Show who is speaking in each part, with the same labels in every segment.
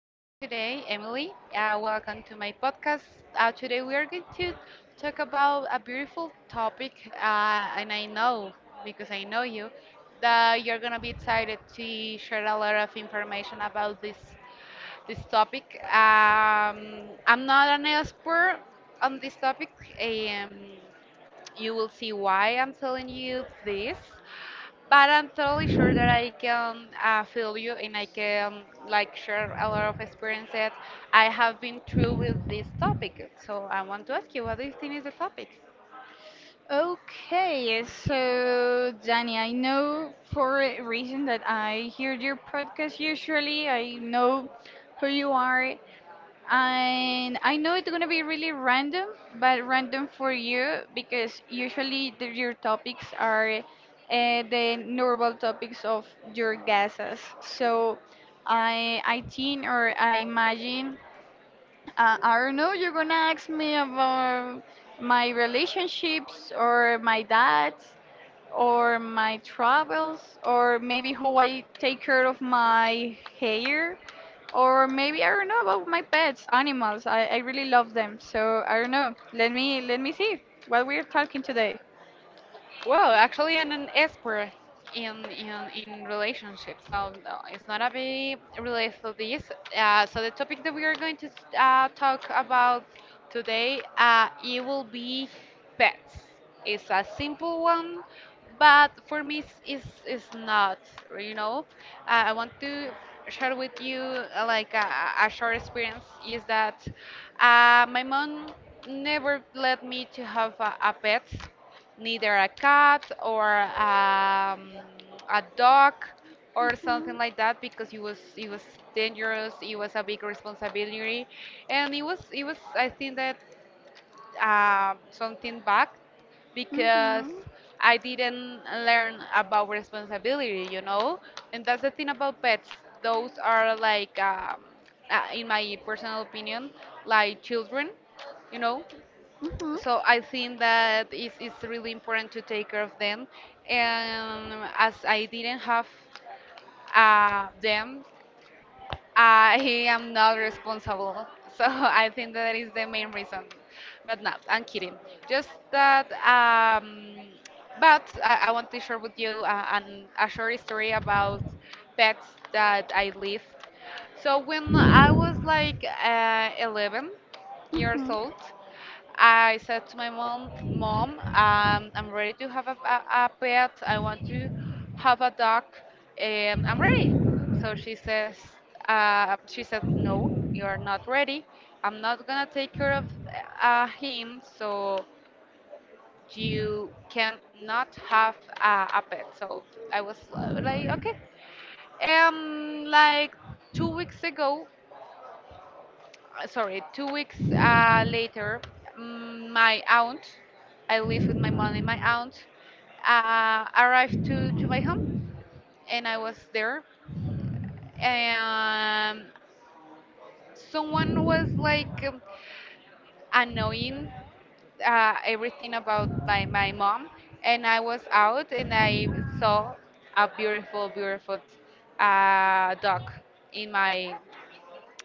Speaker 1: today, Emily. Welcome to my podcast. Today we are going to talk about a beautiful topic, and I know because I know you that you're gonna be excited to share a lot of information about this topic. I'm not an expert on this topic. Um, you will see why I'm telling you this, but I'm totally sure that I can feel you and I can like share a lot of experiences I have been through with this topic. So I want to ask you, what do you think is the topic?
Speaker 2: Okay, so Danny, I know for a reason that I hear your podcast usually. I know who you are, and I know it's gonna be really random, but random for you because usually your topics are the normal topics of your guesses. So I think or I imagine I don't know, you're gonna ask me about my relationships or my dad's or my travels or maybe how I take care of my hair or maybe I don't know about my pets, animals. I really love them. So I don't know. Let me see what we're talking today.
Speaker 1: Well, actually, I'm an expert in in, in relationships, so no, it's not a big related to this. So the topic that we are going to talk about today, it will be pets. It's a simple one, but for me, it's not. You know, I want to share with you like a short experience is that my mom never let me to have a pet, neither a cat or a dog or something
Speaker 2: Mhm,
Speaker 1: like that because it was dangerous, it was a big responsibility, and it was I think that something bad because
Speaker 2: mhm,
Speaker 1: I didn't learn about responsibility. And that's the thing about pets. Those are like in my personal opinion, like children you know
Speaker 2: mhm,
Speaker 1: so I think that it's really important to take care of them. And as I didn't have them, I am not responsible. So I think that is the main reason. But no, I'm kidding. Just that. But I want to share with you a short story about pets that I live. So when I was like 11 years
Speaker 2: mhm.
Speaker 1: old, I said to my mom, Mom, I'm ready to have a pet. I want to have a dog. I'm ready. So she said, No, you're not ready. I'm not gonna take care of him. So you cannot have a pet. So I was like, okay. Like 2 weeks ago, sorry, 2 weeks later, my aunt, I live with my mom and my aunt, arrived to my home, and I was there. And someone was like annoying everything about my mom. And I was out, and I saw a beautiful, beautiful dog in my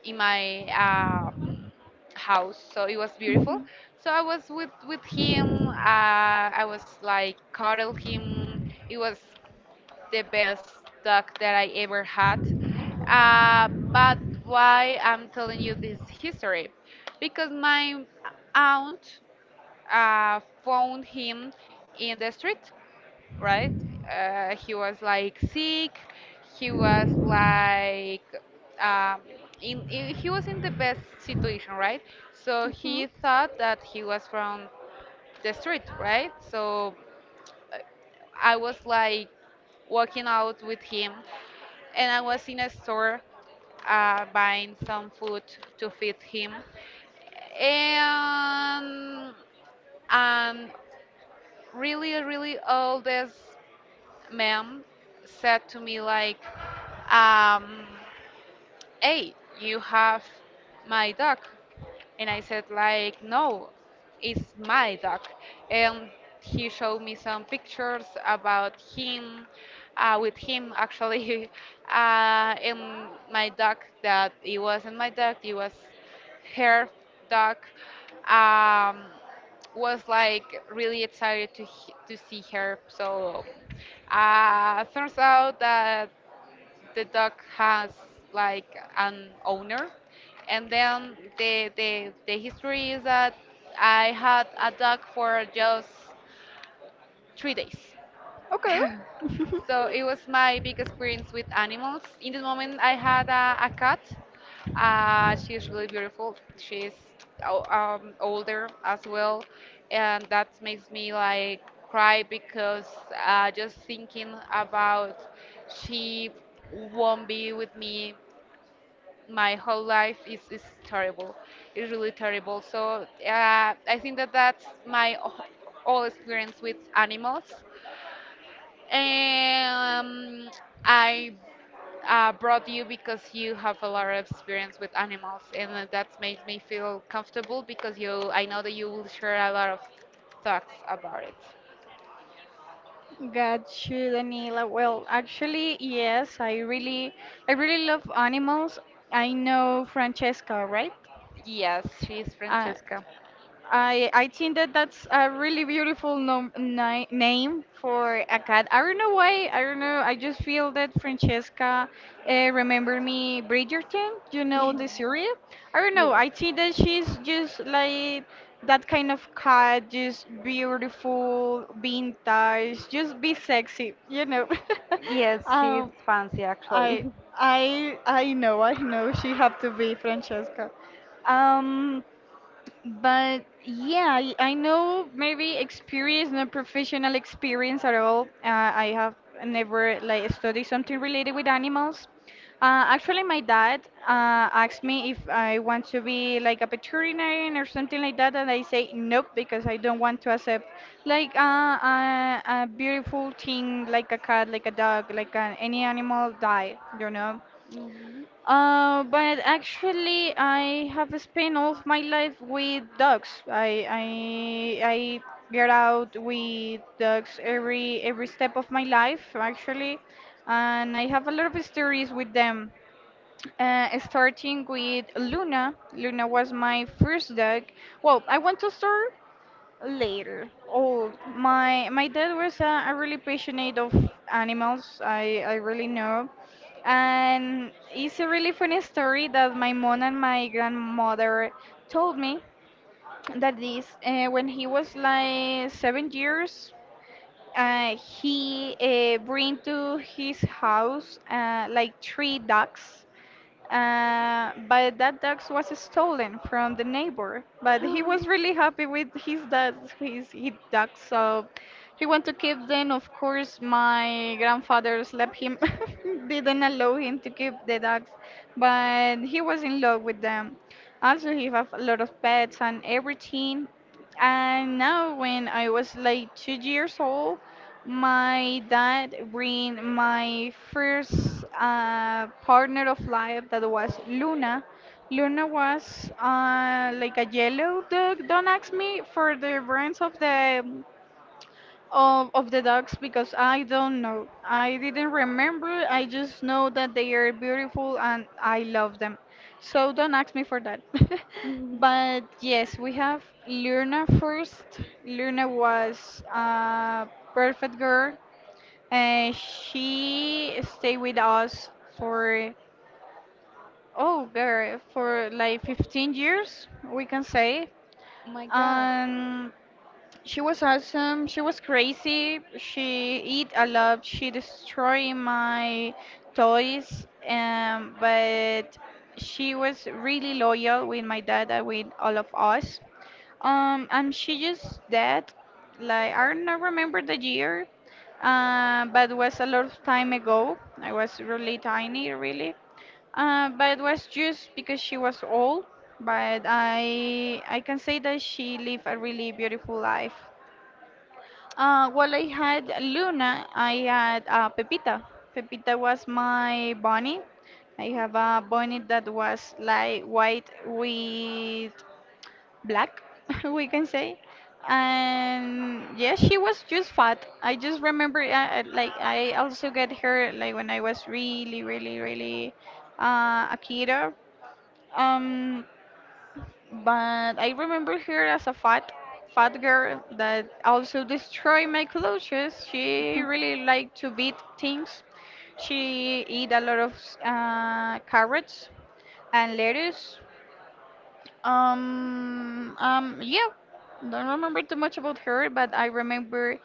Speaker 1: in my house. So it was beautiful. So I was with him. I was like cuddle him. It was the best dog that I ever had. But why I'm telling you this history? Because my aunt found him in the street, right? He was like sick. He was like um, in he was in the best situation, right? So
Speaker 2: Mhm.
Speaker 1: he thought that he was from the street, right? So I was like walking out with him, and I was in a store buying some food to feed him, and and really really oldest ma'am said to me like um, hey, you have my dog. And I said, like, no, it's my dog. And he showed me some pictures about him, with him actually, and my dog that it wasn't my dog, it was her dog. Um, was like really excited to see her. So turns out that the dog has like an owner, and then the history is that I had a dog for just 3 days.
Speaker 2: Okay.
Speaker 1: So it was my big experience with animals. In this moment, I had a cat. She's really beautiful. She's older as well, and that makes me like cry because just thinking about she won't be with me my whole life is terrible. It's really terrible. So I think that that's my whole experience with animals. Um, I brought you because you have a lot of experience with animals, and that makes me feel comfortable because you I know that you will share a lot of thoughts about it.
Speaker 2: Got you, Daniela. Well, actually, yes, I really love animals. I know Francesca, right?
Speaker 1: Yes, she's
Speaker 2: Uh,
Speaker 1: Francesca.
Speaker 2: I think that that's a really beautiful nom ni name for a cat. I don't know why. I don't know. I just feel that Francesca remember me Bridgerton. You know
Speaker 1: Yes.
Speaker 2: the series. I don't know. I think that she's just like that kind of cat, just beautiful, vintage, just be sexy. You know.
Speaker 1: Yes, she's
Speaker 2: um,
Speaker 1: fancy actually.
Speaker 2: I I know. I know she have to be Francesca. Um. But yeah, I know maybe experience, not professional experience at all. I have never like studied something related with animals. Actually, my dad asked me if I want to be like a veterinarian or something like that, and I say nope because I don't want to accept like a beautiful thing like a cat, like a dog, like an, any animal die, you know.
Speaker 1: Mhm.
Speaker 2: But actually, I have spent all of my life with dogs. I get out with dogs every step of my life, actually, and I have a lot of stories with them. Starting with Luna. Luna was my first dog. Well, I want to start later. Oh, my dad was a really passionate of animals. I really know. And it's a really funny story that my mom and my grandmother told me that this, when he was like 7 years, he bring to his house like 3 ducks but that dog was stolen from the neighbor. But he was really happy with his dog, his dog, so he wanted to keep them. Of course, my grandfather slapped him, didn't allow him to keep the dogs, but he was in love with them. Also, he have a lot of pets and everything. And now, when I was like two years old, my dad bring my first partner of life that was Luna. Luna was like a yellow dog. Don't ask me for the brands of of the dogs because I don't know. I didn't remember. I just know that they are beautiful and I love them. So don't ask me for that.
Speaker 1: Mhm.
Speaker 2: But yes, we have Luna first. Luna was a perfect girl. And she stayed with us for oh, very for like 15 years, we can say.
Speaker 1: Oh my God.
Speaker 2: Um, she was awesome. She was crazy. She eat a lot. She destroyed my toys. But she was really loyal with my dad and with all of us. And she just died. Like I don't remember the year, but it was a lot of time ago. I was really tiny, really. But it was just because she was old. But I can say that she lived a really beautiful life. Well, I had Luna. I had Pepita. Pepita was my bunny. I have a bunny that was like white with black, we can say. And yes, she was just fat. I just remember, like, I also got her like when I was really a kiddo. Um, but I remember her as a fat girl that also destroyed my clothes. She really liked to beat things. She eat a lot of carrots and lettuce. Yeah, don't remember too much about her, but I remember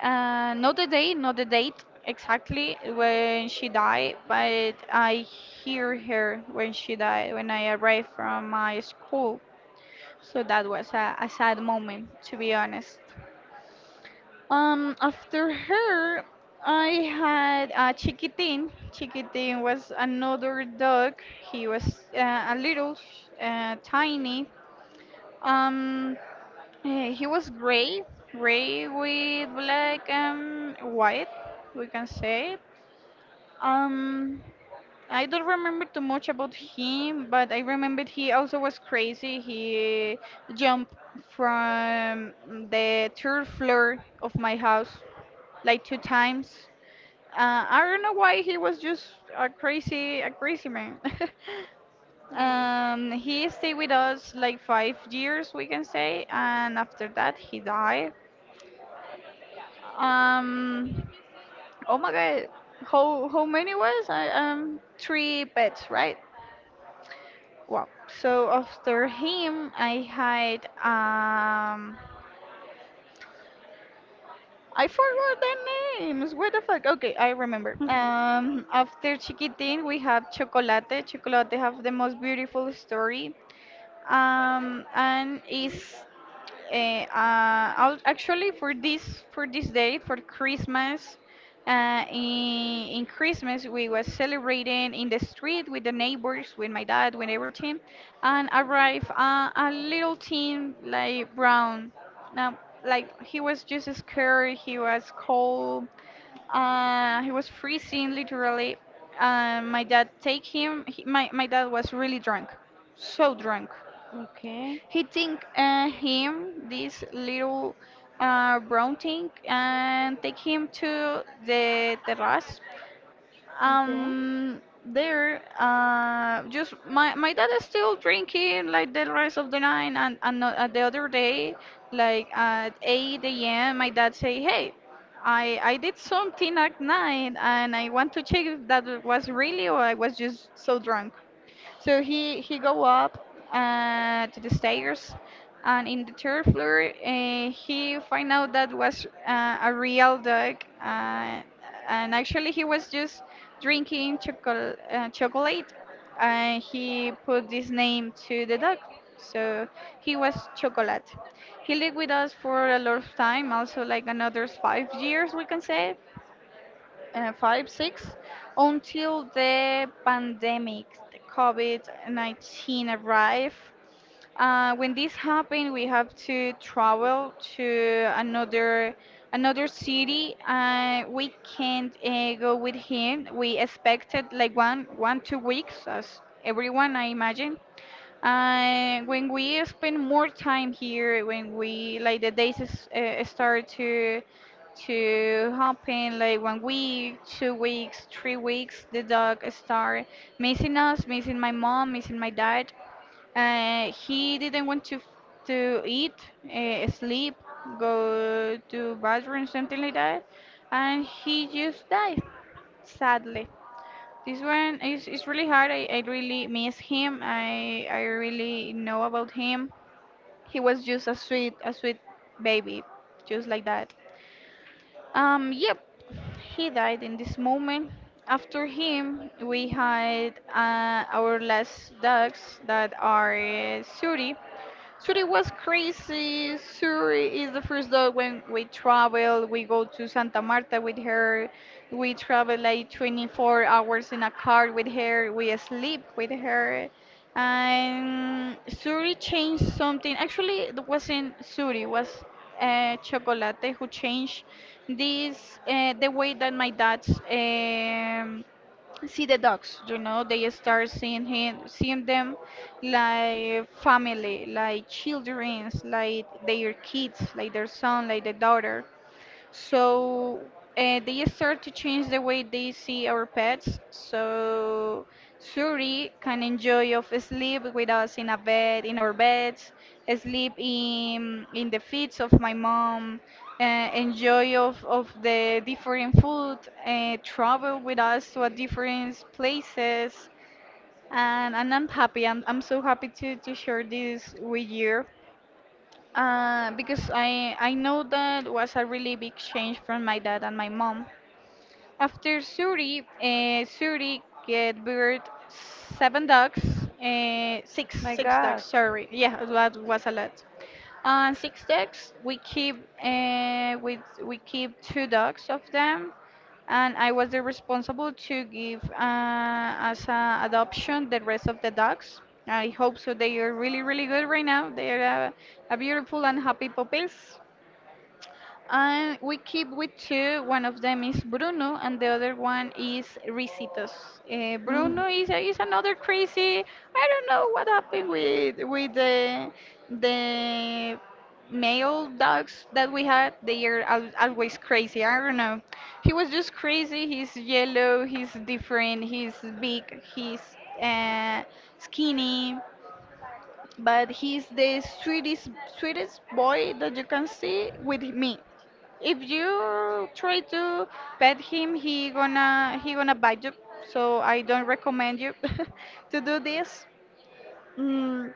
Speaker 2: not the day, not the date exactly when she died, but I hear her when she died when I arrived from my school so that was a sad moment, to be honest. After her, I had a Chiquitin. Chiquitin was another dog. He was a little tiny. Um, he was gray, gray with black and white, we can say. Um, I don't remember too much about him, but I remembered he also was crazy. He jumped from the third floor of my house like 2 times. I don't know why he was just a crazy man. He stayed with us like 5 years, we can say, and after that he died. Um, oh my God, how many was? Three pets, right? Wow. So after him, I had I forgot the names. What the fuck? Okay, I remember. After Chiquitin, we have Chocolate. Chocolate have the most beautiful story. Um, and is actually, for this date for Christmas, in Christmas we was celebrating in the street with the neighbors, with my dad, with everything, and arrived a little teen like brown. Now, like he was just scared, he was cold, he was freezing literally. My dad take him. He, my dad was really drunk, so drunk.
Speaker 1: Okay.
Speaker 2: He think him this little brown thing and take him to the terrace.
Speaker 1: Okay.
Speaker 2: There, just my my dad is still drinking like the rest of the night and the other day, like at 8 a.m. My dad say, hey. I did something at night and I want to check if that was really or I was just so drunk. So he go up to the stairs, and in the 3rd floor, he find out that was a real dog, uh, and actually he was just drinking chocolate. Chocolate. And he put this name to the dog, so he was Chocolate. He lived with us for a lot of time, also like another 5 years, we can say five, six, until the pandemic, the COVID-19 arrived. When this happened, we have to travel to another city. We can't go with him. We expected like one one two weeks, as everyone I imagine. And when we spend more time here, when we like start to happen, like 1 week, 2 weeks, 3 weeks, the dog start missing us, missing my mom, missing my dad. He didn't want to eat, sleep, go to bathroom, something like that, and he just died, sadly. Is really hard. I really miss him. I really know about him. He was just a sweet baby, just like that. Yep, he died in this moment. After him, we had our last dogs that are Suri. Surrey was crazy. Surrey is the first dog when we travel. We go to Santa Marta with her. We travel like 24 hours in a car with her. We sleep with her. And Surrey changed something. Actually, it wasn't Surrey, it was Chocolate who changed the way that my dad see the dogs. You know, they start seeing him, seeing them like family, like children, like their kids, like their son, like the daughter, so they start to change the way they see our pets. So Suri can enjoy of sleep with us in a bed, in our beds, sleep in the feet of my mom, uh, of the different food, travel with us to a different places. And I'm happy. I'm so happy to share this with you. Because I know that was a really big change from my dad and my mom. After Suri, Suri get birth 7 dogs,
Speaker 1: My
Speaker 2: six dogs.
Speaker 1: God.
Speaker 2: Sorry, yeah, that was a lot. Six dogs. We keep with we keep two dogs of them and I was the responsible to give as a adoption the rest of the dogs. I hope so. They are really good right now. They are a beautiful and happy puppies. We keep with two. One of them is Bruno, and the other one is Ricitos. Bruno is another
Speaker 1: Mhm.
Speaker 2: crazy. I don't know what happened with the male dogs that we had. They are al always crazy. I don't know. He was just crazy. He's yellow. He's different. He's big. He's uh, skinny. But he's the sweetest boy that you can see with me. If you try to pet him, he gonna bite you, so I don't recommend you to do this mm,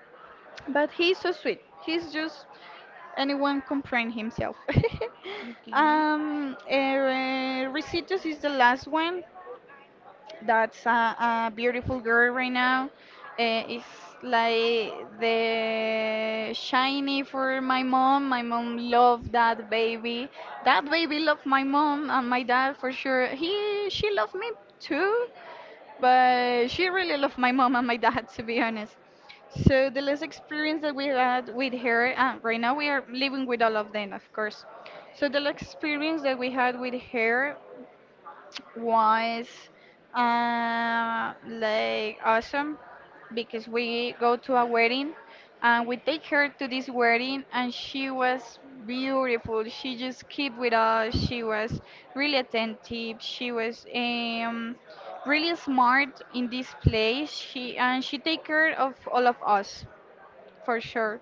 Speaker 2: but he's so sweet. He's just anyone can himself.
Speaker 1: Okay.
Speaker 2: Recitos is the last one. That's a beautiful girl right now. It's like the shiny for my mom. My mom loved that baby. That baby loved my mom and my dad for sure. He she loved me too, but she really loved my mom and my dad, to be honest. So the last experience that we had with her, and right now we are living with all of them, of course. So the last experience that we had with her was like awesome, because we go to a wedding, and we take her to this wedding, and she was beautiful. She just kept with us. She was really attentive. She was really smart in this place. She take care of all of us, for sure.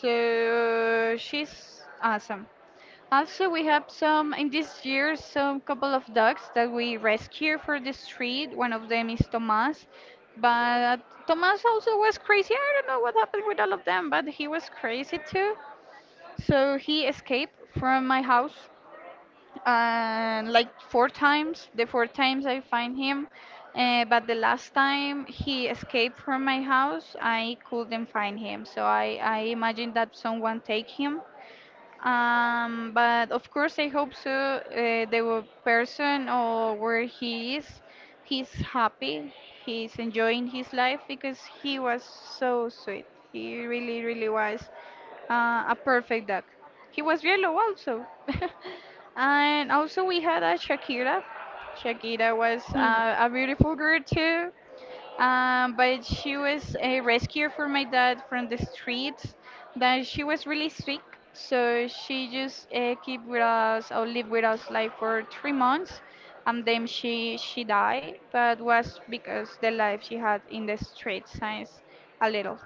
Speaker 2: So she's awesome. Also, we have some, in this year, some couple of dogs that we rescued for the street. One of them is Tomas, but Tomas also was crazy. I don't know what happened with all of them, but he was crazy too. So he escaped from my house and like 4 times. The four times I find him, but the last time he escaped from my house, I couldn't find him. So I imagine that someone take him. But of course, I hope so. The person or where he is, he's happy. He's enjoying his life because he was so sweet. He really, really was a perfect duck. He was yellow also. And also we had a Shakira. Shakira was
Speaker 1: Hmm.
Speaker 2: a beautiful girl too. But she was a rescuer for my dad from the streets. That she was really sick, so she just keep with us, or lived with us, like, for 3 months. And then she died. But was because the life she had in the streets since a little.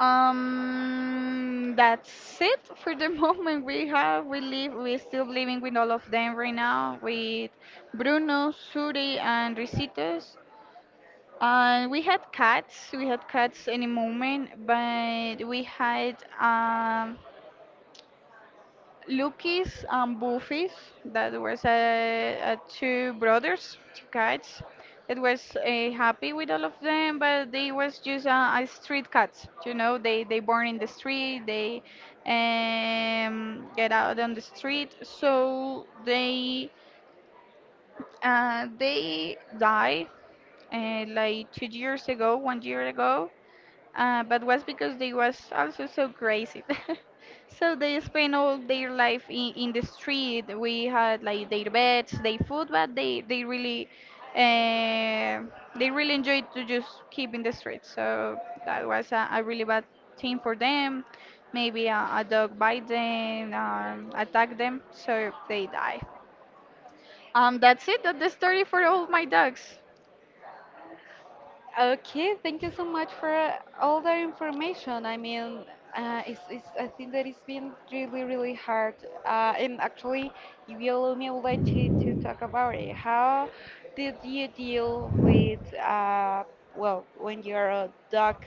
Speaker 2: That's it for the moment. We have we live we still living with all of them right now, with Bruno, Suri, and Ricitos. We had cats. We had cats in a moment, but we had Lucky's and Buffy's. That was two brothers, two cats. It was happy with all of them, but they was just a street cats. You know, they born in the street. They get out on the street, so they die like 2 years ago, 1 year ago, but was because they was also so crazy. So they spent all their life in the street. We had like their beds, their food, but uh, they really enjoyed to just keep in the street. So that was a really bad thing for them. Maybe a dog bite them, attack them, so they die. That's it. That's the story for all my dogs.
Speaker 1: Okay, thank you so much for all that information. I mean, I think that it's been really, really hard. And actually, if you allow me, I would like to talk about it. How did you deal with, well, when you're a dog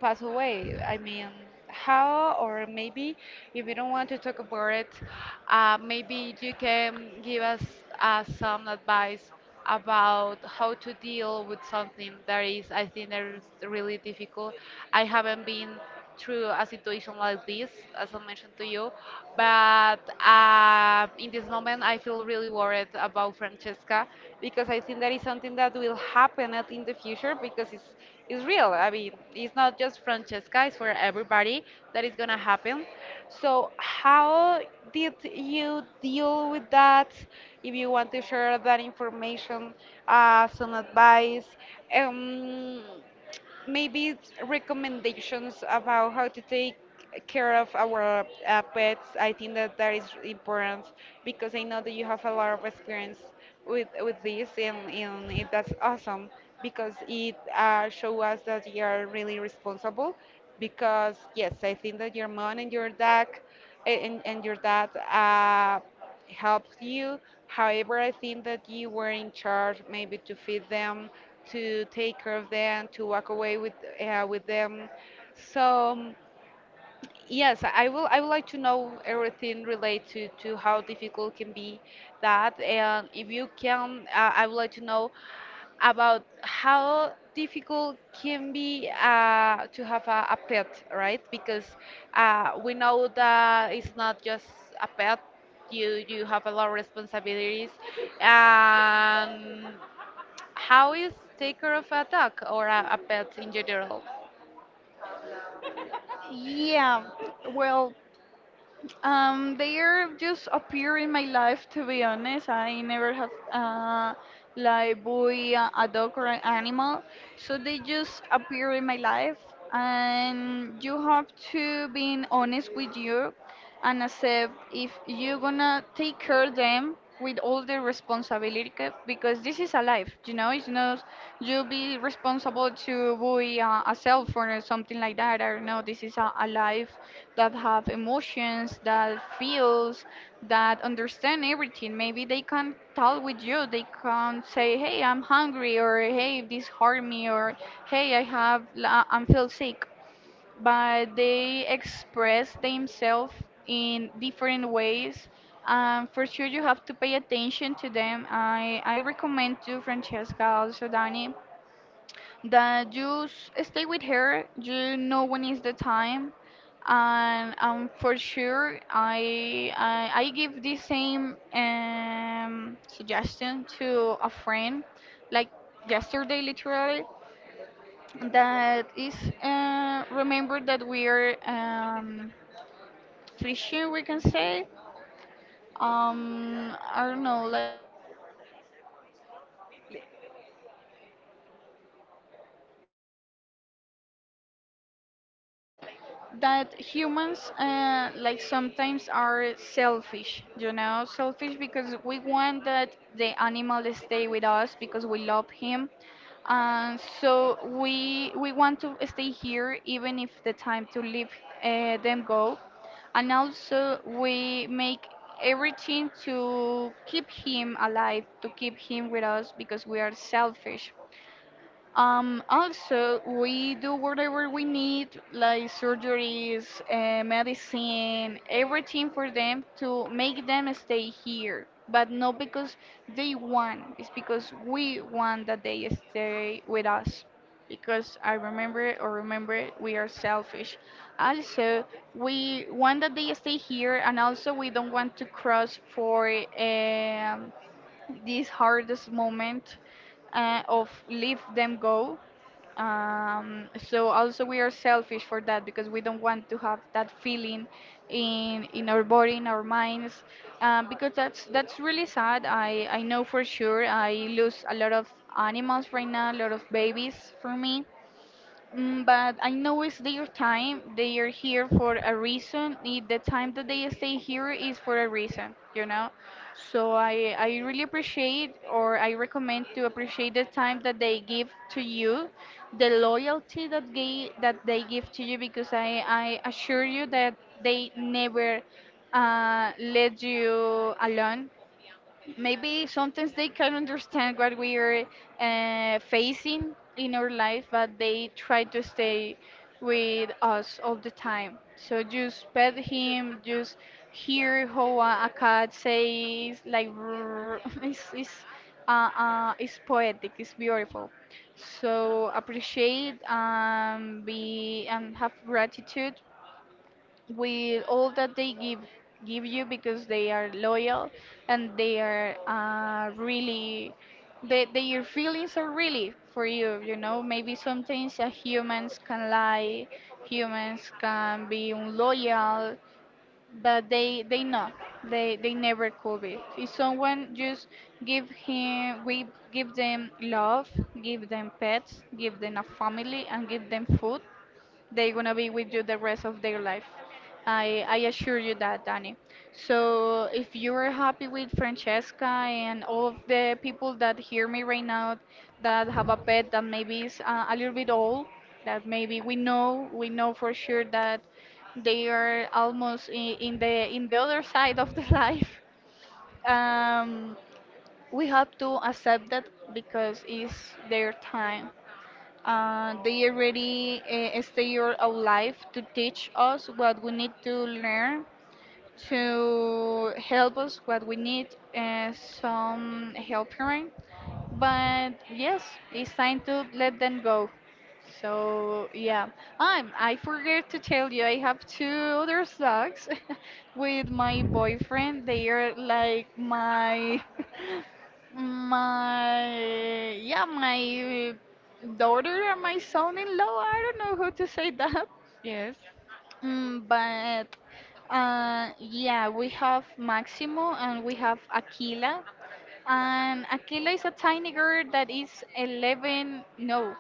Speaker 1: pass away. I mean, how, or maybe if you don't want to talk about it, maybe you can give us some advice about how to deal with something that is, I think, that is really difficult. I haven't been through a situation like this, as I mentioned to you. But in this moment, I feel really worried about Francesca because I think that is something that will happen in the future because it's real. I mean, it's not just Francesca; it's for everybody that is gonna happen. So, how did you deal with that? If you want to share that information, some advice. Um, Maybe it's recommendations about how to take care of our pets. I think that that is important because I know that you have a lot of experience with this, and it, that's awesome because it shows us that you are really responsible. Because yes, I think that your mom and your dad and, and your dad uh, helped you. However, I think that you were in charge maybe to feed them, to take care of them, to walk away with them. So yes, I will. I would like to know everything related to how difficult can be that, and if you can, I would like to know about how difficult can be to have a pet, right? Because we know that it's not just a pet. You have a lot of responsibilities, and how is take care of a dog or a pet in general?
Speaker 2: Yeah, well, they are just appear in my life. To be honest, I never have like boy, a dog or an animal, so they just appear in my life, and you have to be honest with you, and accept if you're gonna take care of them with all the responsibility, because this is a life, it's not, you'll be responsible to buy a cell phone or something like that. I don't know, this is a life that have emotions, that feels, that understand everything. Maybe they can talk with you, they can say, "Hey, I'm hungry," or, "Hey, this hurt me," or, "Hey, I have I'm feel sick." But they express themselves in different ways. For sure, you have to pay attention to them. I recommend to Francesca, also Dani, that you stay with her. You know when is the time. And for sure, I give the same suggestion to a friend, like yesterday, literally, that is, remember that we are, Christian, we can say. I don't know, that humans like sometimes are selfish, selfish, because we want that the animal stay with us because we love him, and so we want to stay here, even if the time to leave them go. And also we make everything to keep him alive, to keep him with us because we are selfish. Also, we do whatever we need, like surgeries, medicine, everything for them to make them stay here. But not because they want, it's because we want that they stay with us. Because I remember, or remember, we are selfish. Also, we want that they stay here, and also we don't want to cross for um, this hardest moment, of leave them go. So also we are selfish for that, because we don't want to have that feeling in our body, in our minds, because that's really sad. I know for sure I lose a lot of animals right now, a lot of babies for me. But I know it's their time. They are here for a reason. The time that they stay here is for a reason, you know. So I really appreciate, or I recommend to appreciate the time that they give to you, the loyalty that they give to you, because I assure you that they never let you alone. Maybe sometimes they can understand what we are facing in our life, but they try to stay with us all the time. So just pet him, just hear how a cat says, like, "Roar." It's poetic, it's beautiful. So appreciate, be, and have gratitude with all that they give you, because they are loyal, and they are really, their feelings are really for you, you know maybe sometimes humans can lie, humans can be unloyal, but they know, they never could be. If someone just give him, we give them love, give them pets, give them a family, and give them food, they're gonna be with you the rest of their life. I assure you that, Danny. So if you are happy with Francesca, and all of the people that hear me right now, that have a pet that maybe is a little bit old, that maybe we know for sure that they are almost in the other side of the life. Um, we have to accept that, because it's their time, they already stay your whole life to teach us what we need to learn, to help us what we need, some help here. But yes, it's time to let them go. So yeah, I forget to tell you, I have two other dogs with my boyfriend. They are like my, my daughter and my son-in-law. I don't know how to say that,
Speaker 1: Yes.
Speaker 2: mm, But yeah, we have Maximo, and we have Aquila. And Aquila is a tiny girl that is 11, no,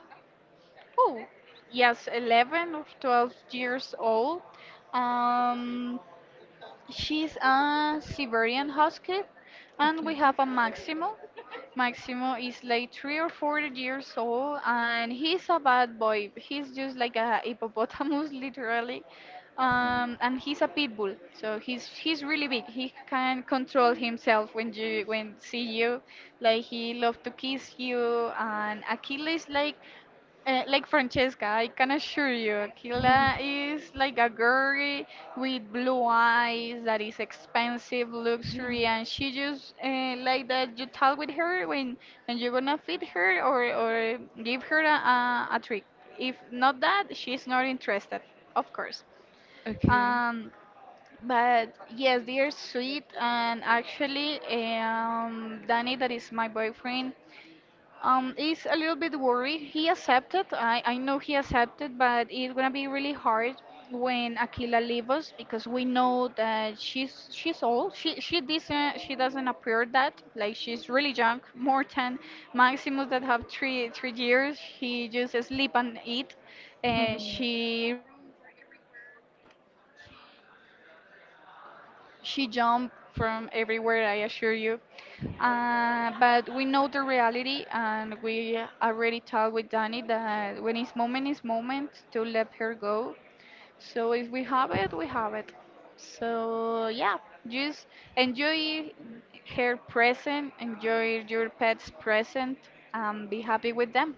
Speaker 2: oh, yes, 11 or 12 years old. Um, She's a Siberian husky, and
Speaker 1: Okay.
Speaker 2: we have a Maximo. Maximo is like 3 or 4 years old, and he's a bad boy. He's just like a hippopotamus, literally. And he's a pit bull, so he's he's really big. He can control himself when see you. Like he love to kiss you, and Achilles, like, like Francesca, I can assure you, Kila is like a girl with blue eyes that is expensive, luxury, and she just like that. You talk with her when and you're gonna feed her, or give her a trick. If not that, she's not interested, of course. Um, but yes, they are sweet, and actually, Danny, that is my boyfriend. Is a little bit worried. He accepted. I know he accepted, but it's gonna be really hard when Akila leaves us, because we know that she's old. She doesn't appear that like she's really young. More than Maximus that have three years. He just sleep and eat, and
Speaker 1: Okay.
Speaker 2: she jumped from everywhere, I assure you. But we know the reality, and we already talked with Danny that when it's moment to let her go. So if we have it, we have it. So yeah, just enjoy her present, enjoy your pet's present, and be happy with them,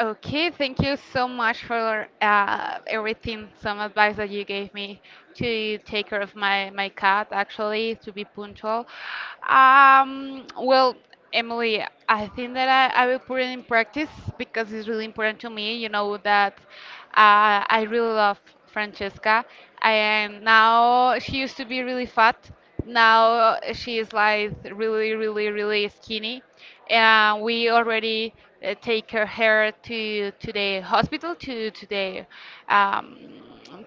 Speaker 1: Okay, thank you so much for everything, some advice that you gave me to take care of my cat, actually, to be punctual. Well, Emily, I think that I will put it in practice because it's really important to me. You know that I really love Francesca, and now she used to be really fat. Now she is like really, really, really skinny, and we already take her hair to the hospital,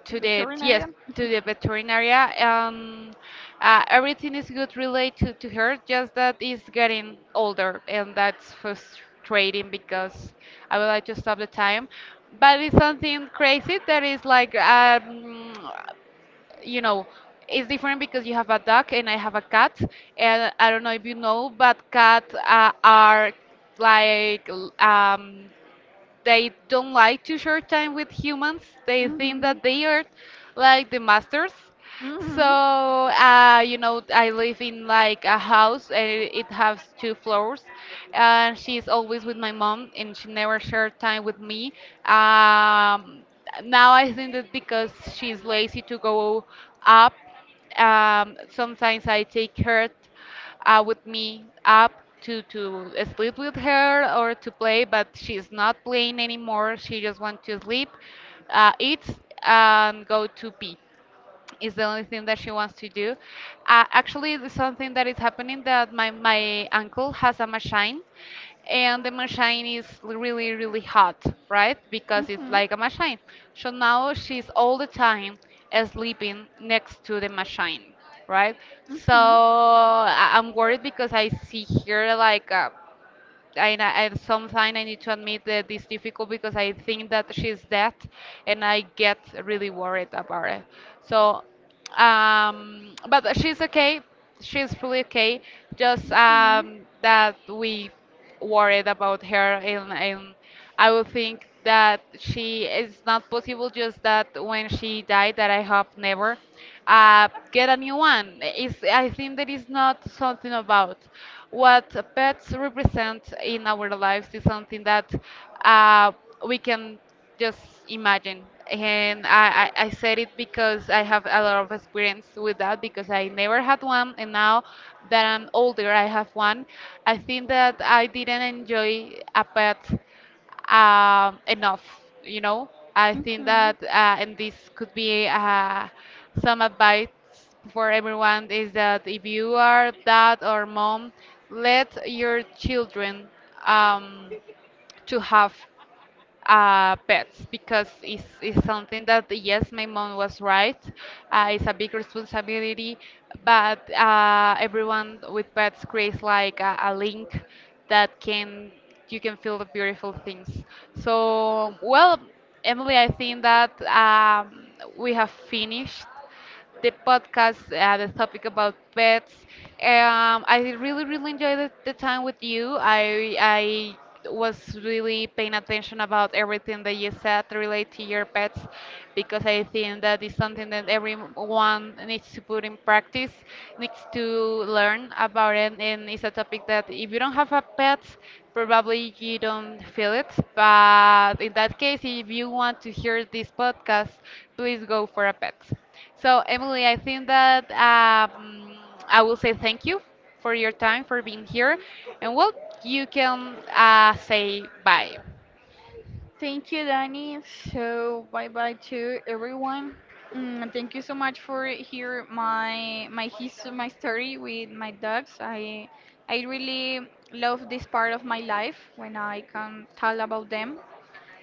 Speaker 1: to the
Speaker 2: return at
Speaker 1: yes
Speaker 2: them.
Speaker 1: to the veterinary, and everything is good related to her. Just that is getting older, and that's frustrating because I would like to stop the time, but it's something crazy that is like you know it's different because you have a dog and I have a cat, and I don't know if you know, but cats are like they don't like to share time with humans. They think
Speaker 2: Mhm.
Speaker 1: that they are like the masters. So,
Speaker 2: Mhm.
Speaker 1: I live in like a house, and it has two floors. And she's always with my mom, and she never shared time with me. Um, Now I think that because she's lazy to go up, sometimes I take her with me up to sleep with her or to play, but she's not playing anymore. She just wants to sleep, eat, and go to pee is the only thing that she wants to do. Actually, there's something that is happening that my uncle has a machine, and the machine is really, really hot, right? Because it's
Speaker 2: Mhm.
Speaker 1: like a machine. So now she's all the time sleeping next to the machine, right? So
Speaker 2: Mhm.
Speaker 1: I'm worried because I see here like a I, I sometimes I need to admit that it's difficult because I think that she's dead, and I get really worried about it. So, but she's okay. She's fully okay. Just
Speaker 2: Mhm.
Speaker 1: that we worried about her, and, I would think that she it's not possible. Just that when she died, that I hope never get a new one. It's, I think that is not something about what pets represent in our lives is something that uh, we can just imagine. And I said it because I have a lot of experience with that because I never had one, and now that I'm older, I have one. I think that I didn't enjoy a pet enough. You know, I think
Speaker 2: Mhm.
Speaker 1: that, and this could be some advice for everyone is that if you are dad or mom, let your children um, to have pets because it's something that yes, my mom was right. It's a big responsibility, but everyone with pets creates like a link that can you can feel the beautiful things. So, well, Emily, I think that we have finished the podcast, the topic about pets. I really, really enjoyed the time with you. I was really paying attention about everything that you said related to your pets because I think that is something that everyone needs to put in practice, needs to learn about it, and it's a topic that if you don't have a pet, probably you don't feel it. But in that case, if you want to hear this podcast, please go for a pet. So, Emily, I think that I will say thank you for your time, for being here. And well, you can say bye.
Speaker 2: Thank you, Danny. So bye bye to everyone. Thank you so much for hear my story with my dogs. I really love this part of my life when I can tell about them.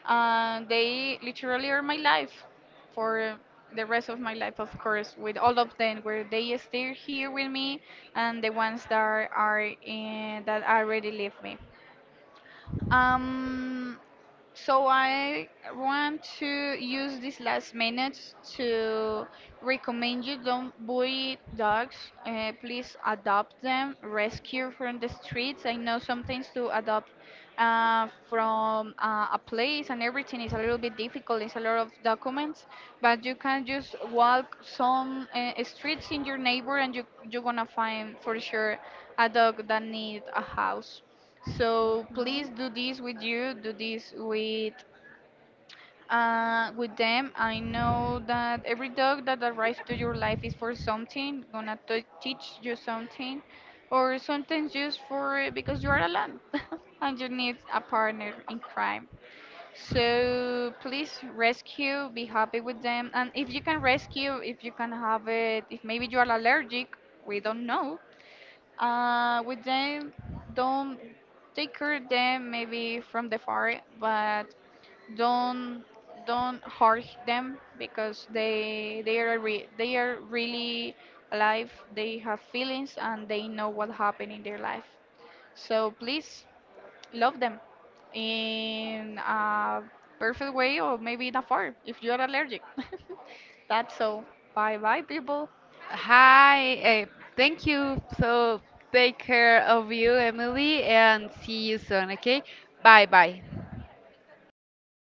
Speaker 2: They literally are my life for the rest of my life, of course, with all of them, where they stay here with me, and the ones that are in, that already leave me. Um, so I want to use these last minutes to recommend you don't bully dogs. Please adopt them, rescue from the streets. I know sometimes to adopt from a place and everything is a little bit difficult. It's a lot of documents, but you can just walk some streets in your neighbor, and you're gonna find for sure a dog that need a house. So please do this with you, do this with them. I know that every dog that arrives to your life is for something, gonna teach you something, or sometimes just for because you are alone and you need a partner in crime. So please rescue, be happy with them, and if you can rescue, if you can have it, if maybe you are allergic, we don't know with them, don't take care of them maybe from the far, but don't don't hurt them because they are really alive. They have feelings and they know what happened in their life. So please love them in a perfect way, or maybe in a far if you are allergic. That's all. Bye bye people.
Speaker 1: Hi, thank you. So, take care of you, Emily, and see you soon, okay? Bye bye.